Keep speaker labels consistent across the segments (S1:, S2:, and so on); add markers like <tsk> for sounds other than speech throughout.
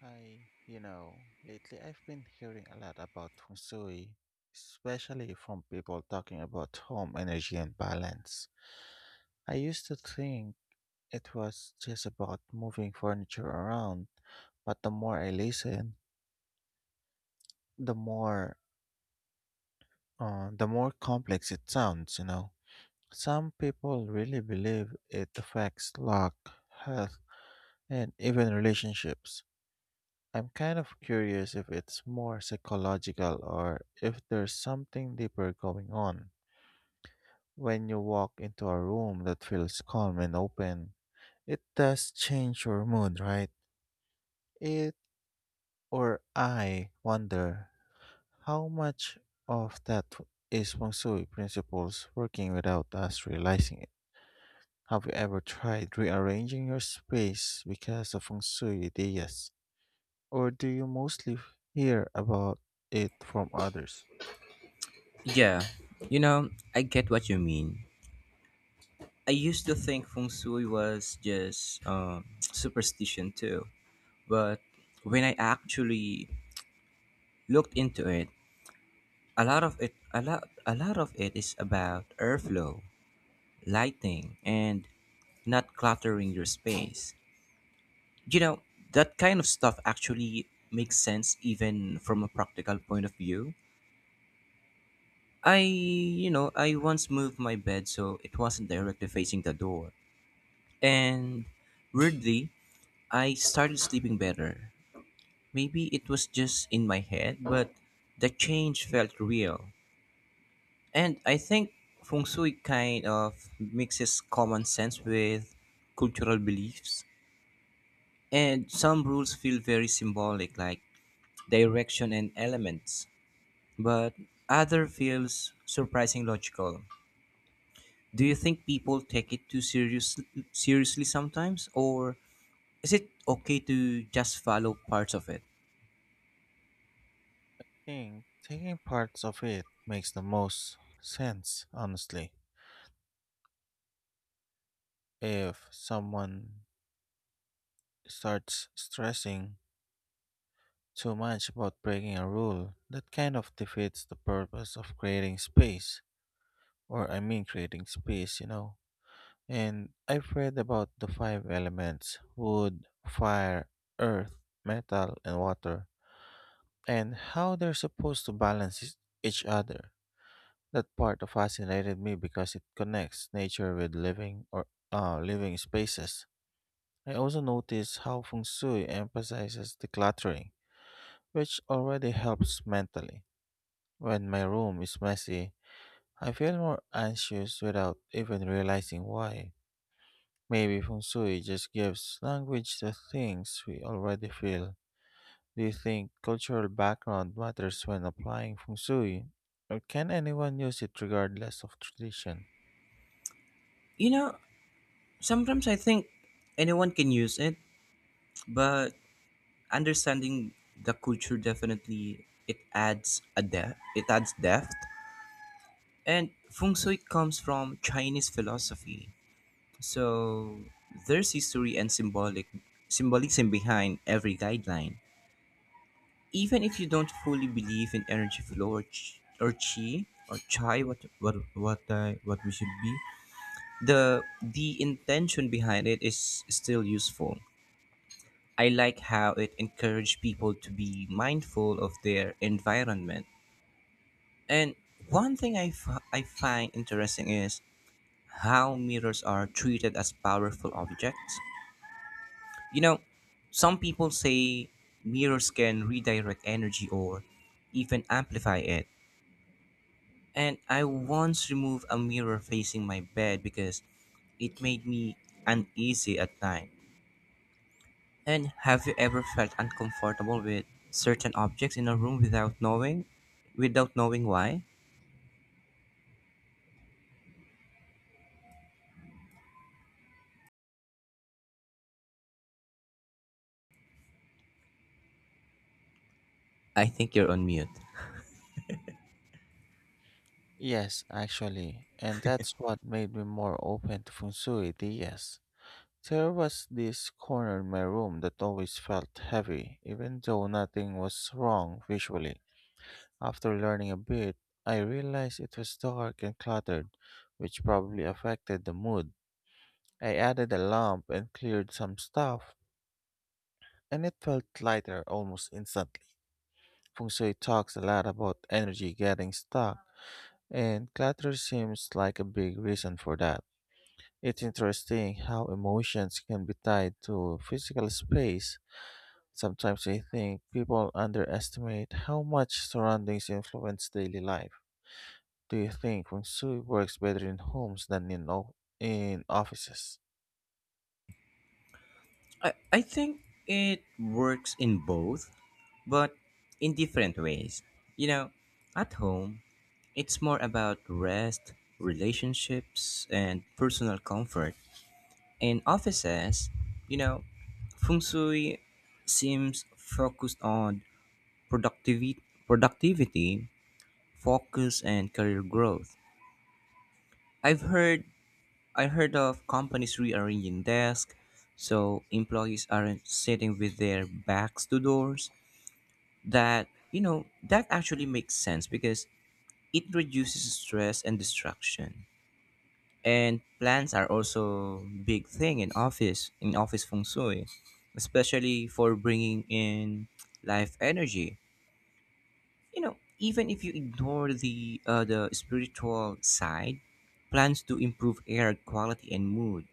S1: Hi, lately I've been hearing a lot about feng shui, especially from people talking about home energy and balance. I used to think it was just about moving furniture around, but the more I listen, the more the more complex it sounds. Some people really believe it affects luck, health, and even relationships. I'm kind of curious if it's more psychological or if there's something deeper going on. When you walk into a room that feels calm and open, it does change your mood, right? It or I wonder how much of that is feng shui principles working without us realizing it. Have you ever tried rearranging your space because of feng shui ideas? Or do you mostly hear about it from others?
S2: Yeah, I get what you mean. I used to think feng shui was just <tsk> superstition too, but when I actually looked into it, a lot of it, a lot of it is about airflow, lighting, and not cluttering your space. You know, that kind of stuff actually makes sense even from a practical point of view. I once moved my bed so it wasn't directly facing the door. And weirdly, I started sleeping better. Maybe it was just in my head, but the change felt real. And I think feng shui kind of mixes common sense with cultural beliefs. And some rules feel very symbolic, like direction and elements, but other feels surprising logical. Do you think people take it seriously sometimes, or is it okay to just follow parts of it?
S1: Think taking parts of it makes the most sense, honestly. If someone starts stressing too much about breaking a rule, that kind of defeats the purpose of creating space, or I mean, creating space. And I've read about the five elements wood, fire, earth, metal, and water, and how they're supposed to balance each other. That part of fascinated me because it connects nature with living or living spaces. I also noticed how feng shui emphasizes decluttering, which already helps mentally. When my room is messy, I feel more anxious without even realizing why. Maybe feng shui just gives language to things we already feel. Do you think cultural background matters when applying feng shui, or can anyone use it regardless of tradition?
S2: You know, sometimes I think anyone can use it, but understanding the culture definitely it adds a depth. It adds depth. And feng shui comes from Chinese philosophy, so there's history and symbolic symbolism behind every guideline. Even if you don't fully believe in energy flow or chi, or, chi, or chai, what we should be, the intention behind it is still useful. I like how it encouraged people to be mindful of their environment. And one thing I find interesting is how mirrors are treated as powerful objects. You know, some people say mirrors can redirect energy or even amplify it. And I once removed a mirror facing my bed because it made me uneasy at night. And have you ever felt uncomfortable with certain objects in a room without knowing why? I think you're on mute.
S1: Yes, actually, and that's what made me more open to feng shui ideas. There was this corner in my room that always felt heavy, even though nothing was wrong visually. After learning a bit, I realized it was dark and cluttered, which probably affected the mood. I added a lamp and cleared some stuff, and it felt lighter almost instantly. Feng shui talks a lot about energy getting stuck, and clutter seems like a big reason for that. It's interesting how emotions can be tied to physical space. Sometimes I think people underestimate how much surroundings influence daily life. Do you think feng shui works better in homes than in offices?
S2: I think it works in both, but in different ways. You know, at home, it's more about rest, relationships, and personal comfort. In offices, you know, feng shui seems focused on productivity productivity, focus and career growth. I've heard I heard of companies rearranging desks so employees aren't sitting with their backs to doors. That, you know, that actually makes sense because it reduces stress and distraction. And plants are also big thing in office feng shui, especially for bringing in life energy. You know, even if you ignore the spiritual side, plans to improve air quality and mood.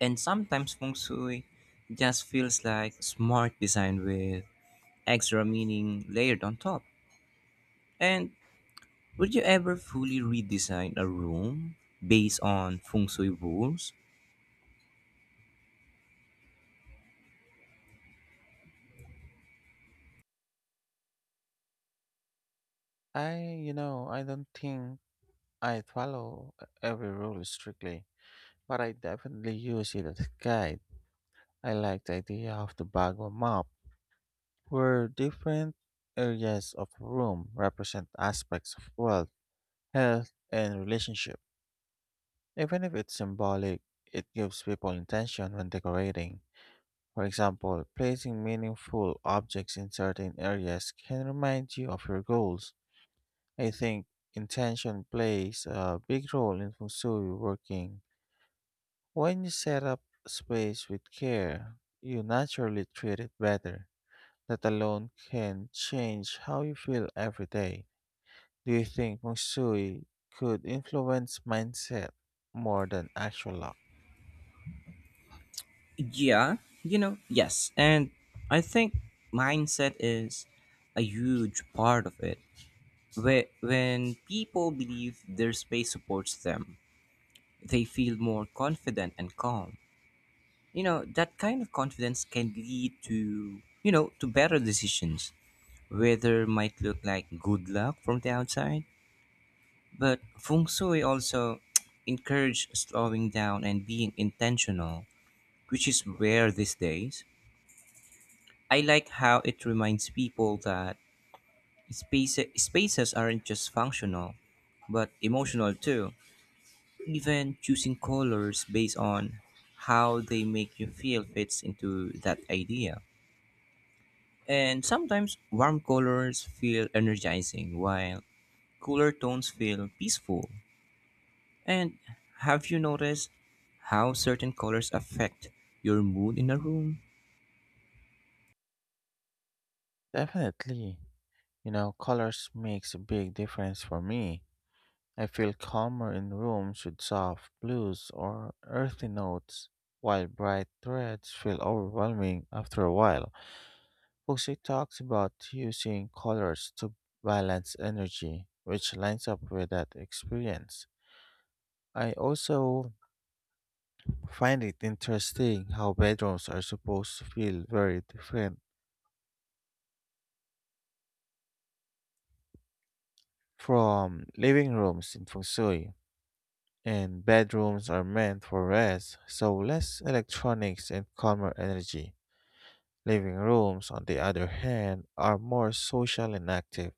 S2: And sometimes feng shui just feels like smart design with extra meaning layered on top. And would you ever fully redesign a room based on feng shui rules?
S1: I, I don't think I follow every rule strictly, but I definitely use it as a guide. I like the idea of the Bagua map, where different areas of room represent aspects of wealth, health and relationship. Even if it's symbolic, it gives people intention when decorating. For example, placing meaningful objects in certain areas can remind you of your goals. I think intention plays a big role in feng shui working. When you set up space with care, you naturally treat it better. That alone can change how you feel every day. Do you think feng shui could influence mindset more than actual luck?
S2: Yeah, you know, yes. And I think mindset is a huge part of it. When people believe their space supports them, they feel more confident and calm. You know, that kind of confidence can lead to better decisions. Weather might look like good luck from the outside, but feng shui also <tsk> encourage slowing down and being intentional, which is rare these days. I like how it reminds people that spaces aren't just functional, but emotional too. Even choosing colors based on how they make you feel fits into that idea. And sometimes warm colors feel energizing while cooler tones feel peaceful. And have you noticed how certain colors affect your mood in a room?
S1: Definitely. You know, colors makes a big difference for me. I feel calmer in rooms with soft blues or earthy notes, while bright threads feel overwhelming after a while. Feng shui talks about using colors to balance energy, which lines up with that experience. I also find it interesting how bedrooms are supposed to feel very different from living rooms in feng shui, and bedrooms are meant for rest, so less electronics and calmer energy. Living rooms, on the other hand, are more social and active.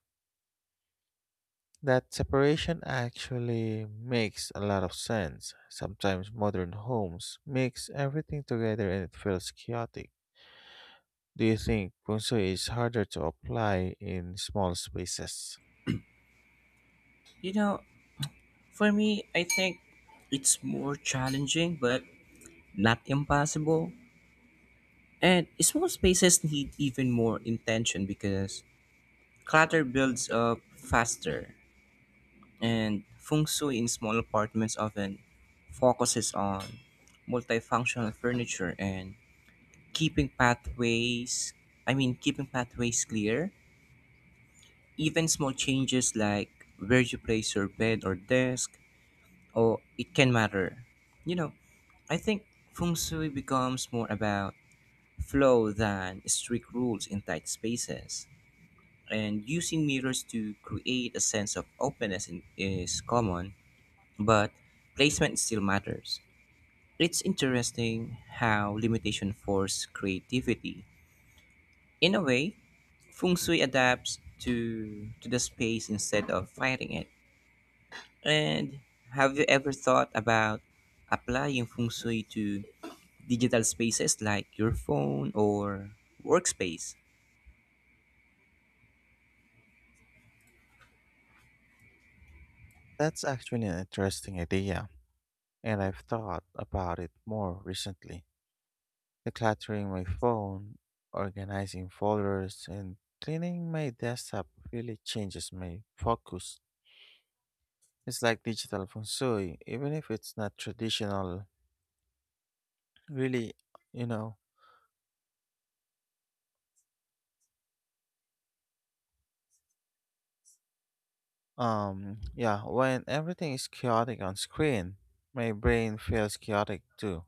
S1: That separation actually makes a lot of sense. Sometimes modern homes mix everything together and it feels chaotic. Do you think feng shui is harder to apply in small spaces?
S2: You know, for me, I think it's more challenging but not impossible. And small spaces need even more intention because clutter builds up faster. And feng shui in small apartments often focuses on multifunctional furniture and keeping pathways, keeping pathways clear. Even small changes like where you place your bed or desk, or it can matter. You know, I think feng shui becomes more about flow than strict rules in tight spaces. And using mirrors to create a sense of openness in, is common but placement still matters. It's interesting how limitation force creativity. In a way, feng shui adapts to the space instead of fighting it. And have you ever thought about applying feng shui to digital spaces like your phone or workspace?
S1: That's actually an interesting idea, and I've thought about it more recently. Decluttering my phone, organizing folders, and cleaning my desktop really changes my focus. It's like digital feng shui, even if it's not traditional. Really, you know, yeah, when everything is chaotic on screen, my brain feels chaotic too.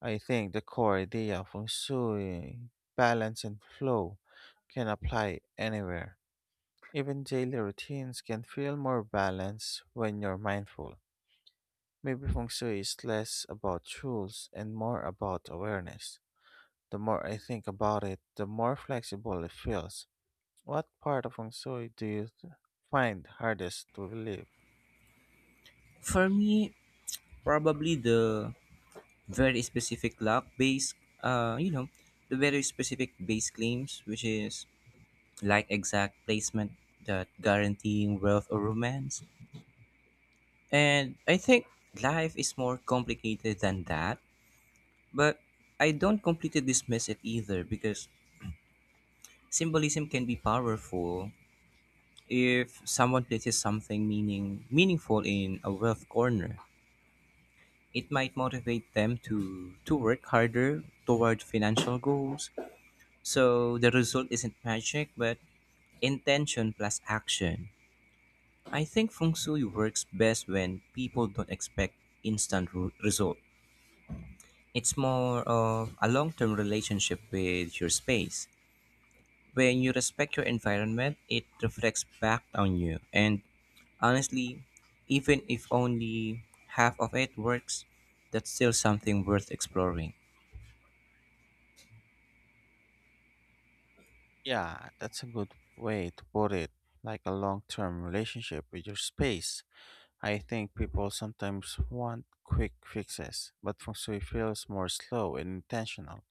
S1: I think the core idea of feng shui, balance and flow, can apply anywhere. Even daily routines can feel more balanced when you're mindful. Maybe feng shui is less about rules and more about awareness. The more I think about it, the more flexible it feels. What part of feng shui find hardest to live?
S2: For me, probably the very specific lock base. Uh, you know, the very specific base claims which is like exact placement that guaranteeing wealth or romance. And I think life is more complicated than that, but I don't completely dismiss it either because symbolism can be powerful if someone places something meaningful in a wealth corner. It might motivate them to work harder toward financial goals. So the result isn't magic, but intention plus action. I think feng shui works best when people don't expect result. It's more of a long-term relationship with your space. When you respect your environment, it reflects back on you. And honestly, even if only half of it works, that's still something worth exploring.
S1: Yeah, that's a good way to put it. Like a long term relationship with your space. I think people sometimes want quick fixes, but feng shui feels more slow and intentional.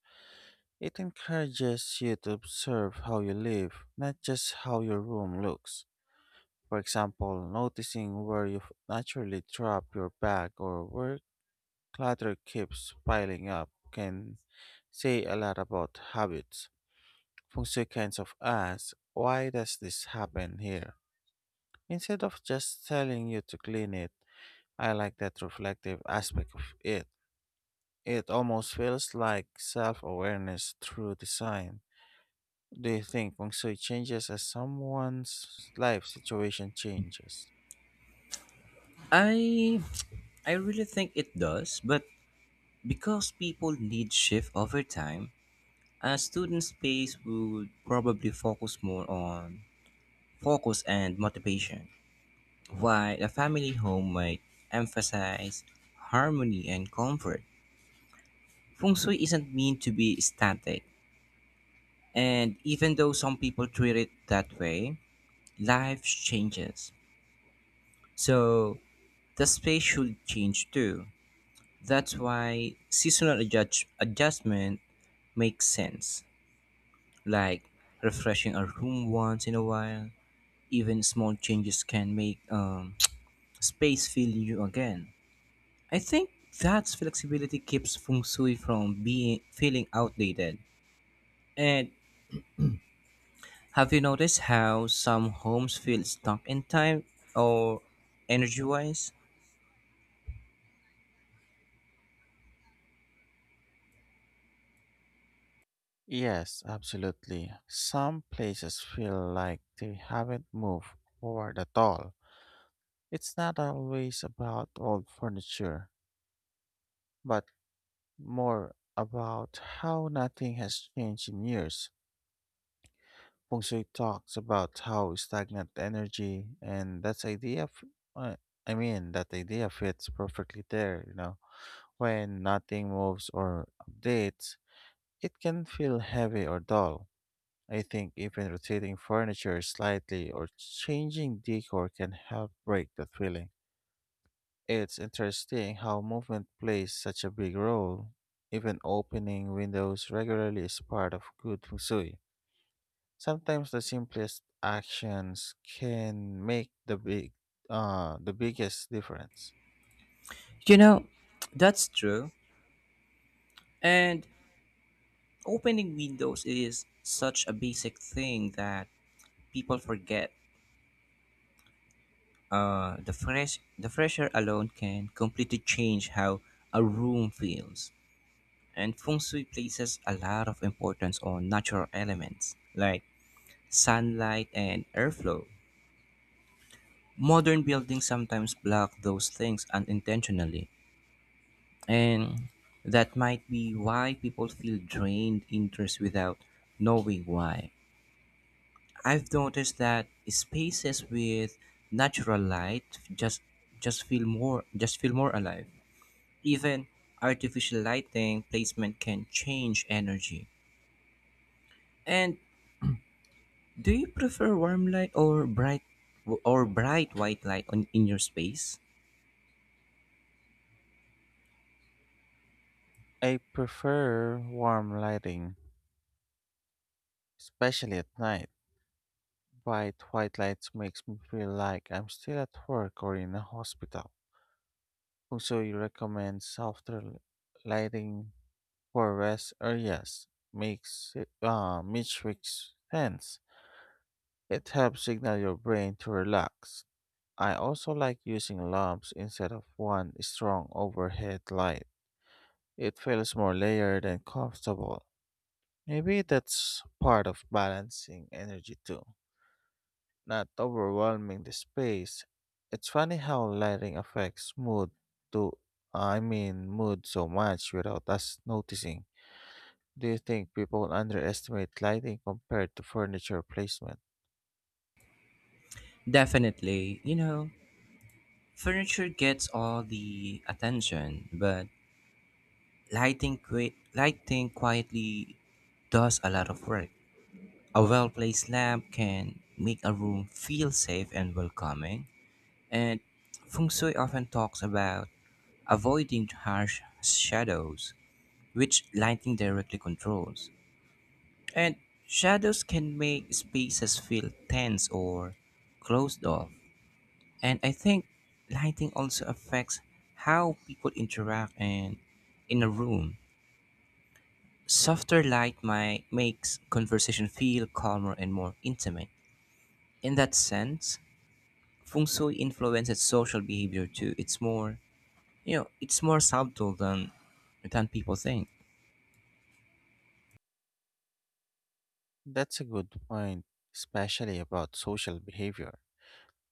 S1: It encourages you to observe how you live, not just how your room looks. For example, noticing where naturally drop your bag or where clutter keeps piling up can say a lot about habits. Feng shui kinds of asks, why does this happen here? Instead of just telling you to clean it, I like that reflective aspect of it. It almost feels like self awareness through design. Do you think Feng Shui changes as someone's life situation changes?
S2: I I really think it does, but because people need shift over time, a student space would probably focus more on focus and motivation, while a family home might emphasize harmony and comfort. Feng Shui isn't meant to be static, and even though some people treat it that way, life changes. So the space should change too. That's why adjustment makes sense, like refreshing a room once in a while. Even small changes can make <tsk> space feel new again. I think that flexibility keeps feng shui from being feeling outdated. And have you noticed how some homes feel stuck in time or energy wise?
S1: Yes, absolutely. Some places feel like they haven't moved forward at all. It's not always about old furniture, but more about how nothing has changed in years. Feng Shui talks about how stagnant energy and that's uh, I mean, that idea fits perfectly there. You know, when nothing moves or updates, it can feel heavy or dull. I think even rotating furniture slightly or changing decor can help break that feeling. It's interesting how movement plays such a big role. Even opening windows regularly is part of good feng shui. Sometimes the simplest actions can make the biggest difference.
S2: You know, that's true. And opening windows is such a basic thing that people forget. The fresher alone can completely change how a room feels. And feng shui places a lot of importance on natural elements like sunlight, and airflow. Modern buildings sometimes block those things unintentionally, and that might be why people feel drained interest without knowing why. I've noticed that spaces with natural light just feel more alive. Even artificial lighting placement can change energy. And do you prefer warm light or bright white light on in your space?
S1: I prefer warm lighting, especially at night. Bright white lights makes me feel like I'm still at work or in a hospital. Also, you recommend lighting for rest areas. Which makes sense. It helps signal your brain to relax. I also like using lamps instead of one strong overhead light. It feels more layered and comfortable. Maybe that's part of balancing energy too, not overwhelming the space. It's funny how lighting affects mood to I mean mood so much without us noticing. Do you think people underestimate lighting compared to furniture placement?
S2: Definitely. You know, furniture gets all the attention, but lighting quietly does a lot of work. A well-placed lamp can make a room feel safe and welcoming, and feng shui often talks about avoiding harsh shadows, which lighting directly controls. And shadows can make spaces feel tense or closed off. And I think lighting also affects how people interact and in a room. Softer light might makes conversation feel calmer and more intimate. In that sense, feng shui influences social behavior too. It's more, you know, it's more subtle than people think.
S1: That's a good point, especially about social behavior.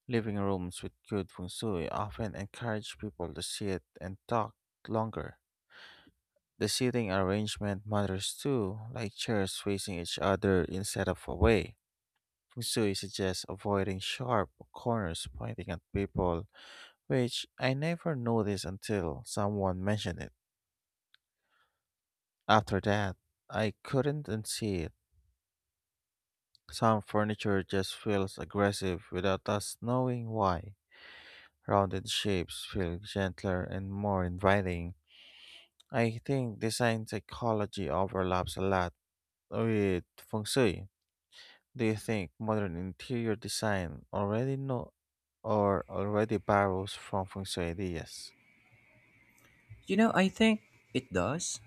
S1: Living rooms with good feng shui often encourage people to sit and talk longer. The seating arrangement matters too, like chairs facing each other instead of away. Feng shui suggests avoiding sharp corners pointing at people, which I never noticed until someone mentioned it. After that, I couldn't unsee it. Some furniture just feels aggressive without us knowing why. Rounded shapes feel gentler and more inviting. I think design psychology overlaps a lot with feng shui. Do you think modern interior design already know or already borrows from feng shui ideas?
S2: You know, I think it does.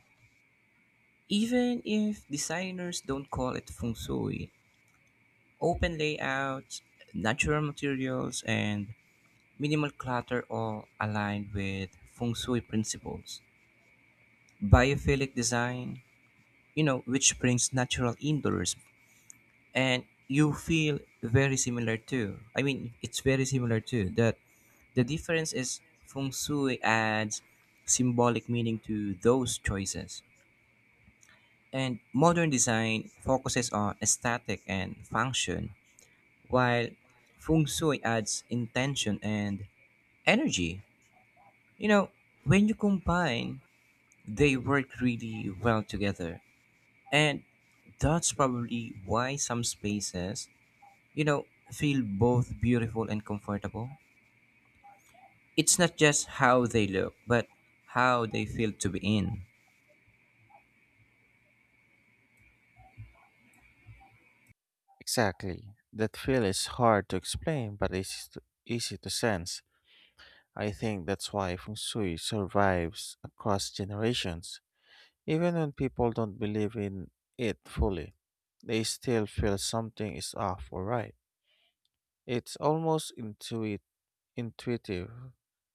S2: Even if designers don't call it feng shui, open layouts, natural materials, and minimal clutter all aligned with feng shui principles. Biophilic design, you know, which brings natural indoors and you feel very similar too. I mean, it's very similar too. That the difference is feng shui adds symbolic meaning to those choices. And modern design focuses on aesthetic and function, while feng shui adds intention and energy. You know, when you combine, they work really well together. And that's probably why some spaces, you know, feel both beautiful and comfortable. It's not just how they look, but how they feel to be in.
S1: Exactly. That feel is hard to explain but easy to sense. I think that's why feng shui survives across generations. Even when people don't believe in it fully, they still feel something is off or right. It's almost intuitive.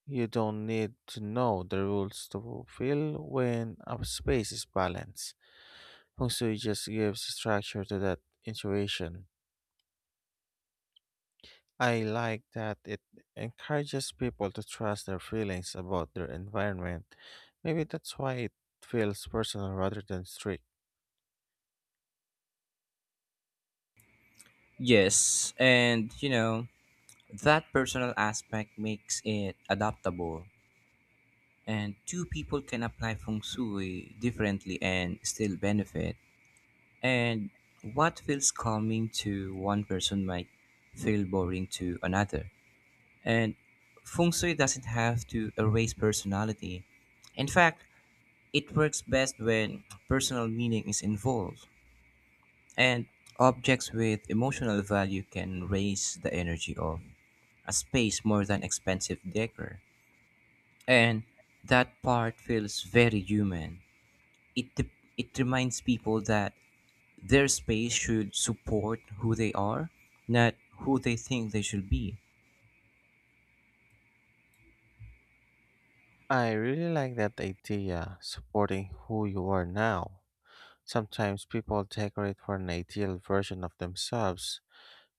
S1: You don't need to know the rules to feel when a space is balanced. Feng Shui just gives structure to that intuition. I like that it encourages people to trust their feelings about their environment. Maybe that's why it feels personal rather than strict.
S2: Yes, and you know, that personal aspect makes it adaptable. And two people can apply feng shui differently and still benefit. And what feels calming to one person might feel boring to another. And feng shui doesn't have to erase personality. In fact, it works best when personal meaning is involved, and objects with emotional value can raise the energy of a space more than expensive decor. And that part feels very human. It, de- it reminds people that their space should support who they are, not who they think they should be.
S1: I really like that idea, supporting who you are now. Sometimes people decorate for an ideal version of themselves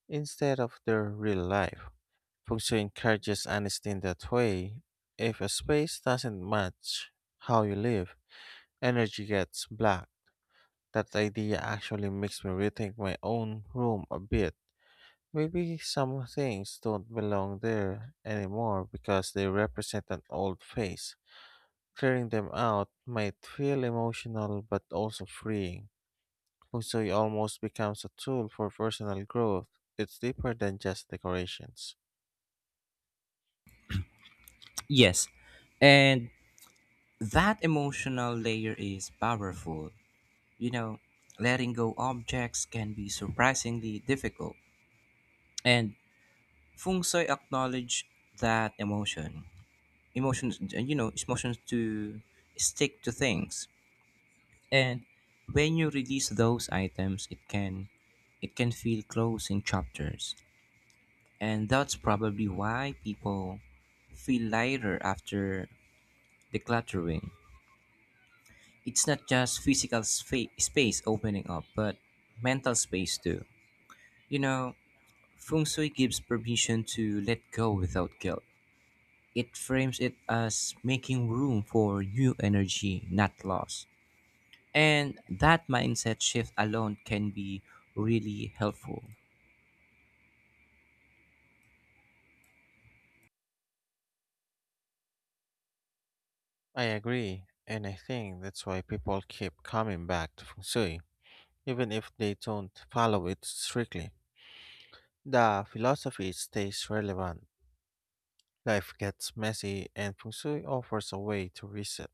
S1: instead of their real life. Feng Shui encourages honesty in that way. If a space doesn't match how you live, energy gets blocked. That idea actually makes me rethink my own room a bit. Maybe some things don't belong there anymore because they represent an old phase. Clearing them out might feel emotional but also freeing. Feng Shui almost becomes a tool for personal growth. It's deeper than just decorations.
S2: Yes, and that emotional layer is powerful. You know, letting go objects can be surprisingly difficult. And Feng Shui acknowledge that emotion. Emotions, you know, emotions to stick to things. And when you release those items, it can feel closing chapters. And that's probably why people feel lighter after decluttering. It's not just space opening up, but mental space too. You know, feng shui gives permission to let go without guilt. It frames it as making room for new energy, not loss. And that mindset shift alone can be really helpful.
S1: I agree, and I think that's why people keep coming back to Feng Shui, even if they don't follow it strictly. The philosophy stays relevant. Life gets messy, and Feng Shui offers a way to reset.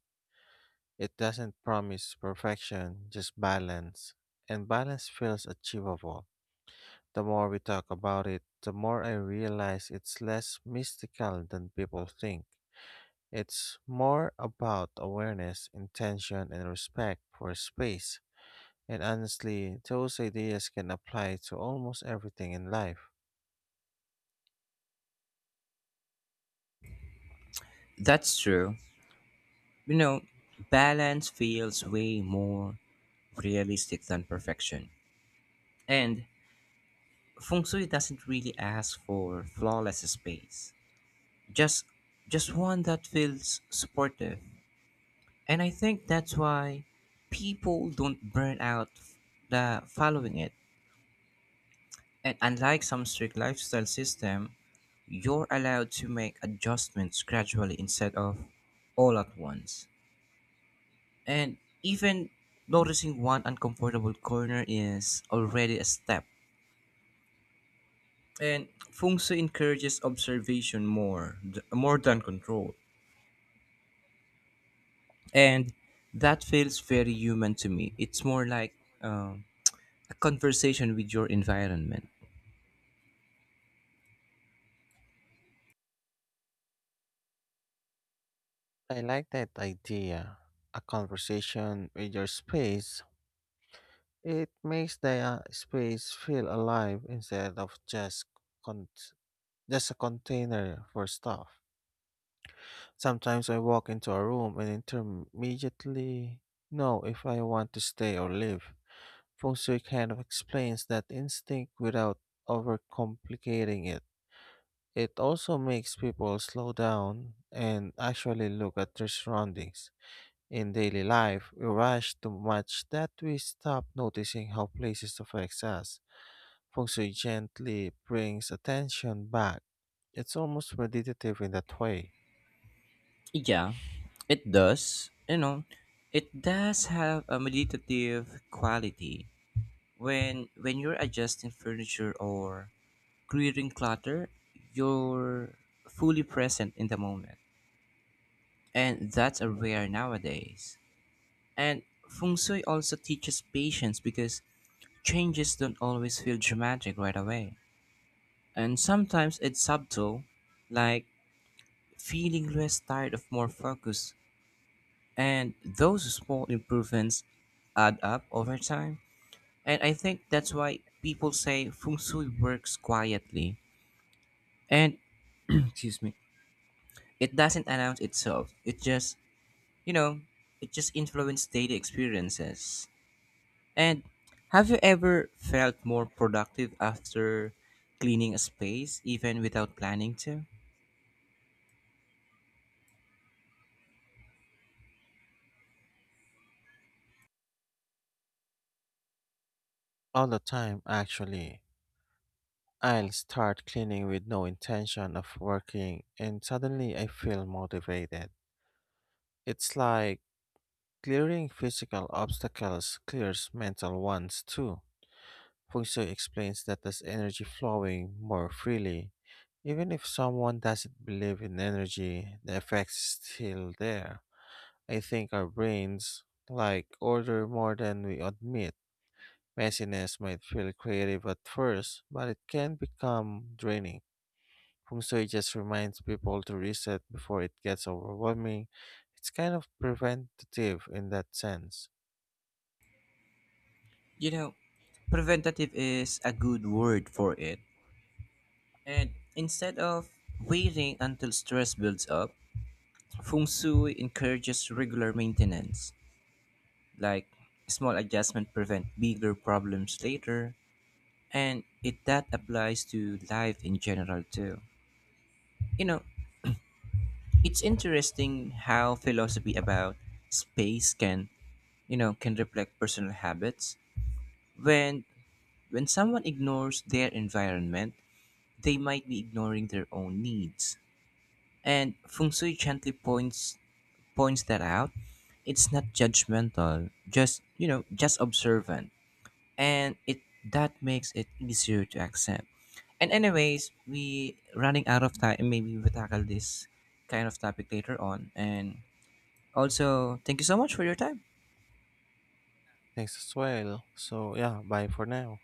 S1: It doesn't promise perfection, just balance, and balance feels achievable. The more we talk about it, the more I realize it's less mystical than people think. It's more about awareness, intention, and respect for space. And honestly, those ideas can apply to almost everything in life.
S2: That's true. You know, balance feels way more realistic than perfection. And feng shui doesn't really ask for flawless space, just just one that feels supportive. And I think that's why people don't burn out f- the following it. And unlike some strict lifestyle system, you're allowed to make adjustments gradually instead of all at once. And even noticing one uncomfortable corner is already a step. And feng shui encourages observation more than control. And that feels very human to me. It's more like um, a conversation with your environment.
S1: I like that idea. A conversation with your space. It makes the space feel alive instead of con- just a container for stuff. Sometimes I walk into a room and intermediately know if I want to stay or leave. Feng Shui kind of explains that instinct without overcomplicating it. It also makes people slow down and actually look at their surroundings. In daily life, we rush too much that we stop noticing how places affect us. Feng Shui gently brings attention back. It's almost meditative in that way.
S2: Yeah, it does. You know, it does have a meditative quality. When you're adjusting furniture or clearing clutter, you're fully present in the moment, and that's a rare nowadays. And feng shui also teaches patience because changes don't always feel dramatic right away. And sometimes it's subtle, like feeling less tired of more focus. And those small improvements add up over time. And I think that's why people say feng shui works quietly. And <clears throat> excuse me, it doesn't announce itself. It just, you know, it just influences daily experiences. And have you ever felt more productive after cleaning a space, even without planning to?
S1: All the time, actually. I'll start cleaning with no intention of working, and suddenly I feel motivated. It's like clearing physical obstacles clears mental ones too. Feng Shui explains that as energy flowing more freely, even if someone doesn't believe in energy, the effect is still there. I think our brains like order more than we admit. Messiness might feel creative at first, but it can become draining. Feng Shui just reminds people to reset before it gets overwhelming. It's kind of preventative in that sense.
S2: You know, preventative is a good word for it. And instead of waiting until stress builds up, feng shui encourages regular maintenance. Like small adjustment prevent bigger problems later, and it that applies to life in general too. You know, it's interesting how philosophy about space can, you know, can reflect personal habits. When when someone ignores their environment, they might be ignoring their own needs. And Feng Shui gently points that out. It's not judgmental, just you know, just observant. And it that makes it easier to accept. And anyways, we running out of time. Maybe we tackle this kind of topic later on. And also, thank you so much for your time.
S1: Thanks as well. So, yeah, bye for now.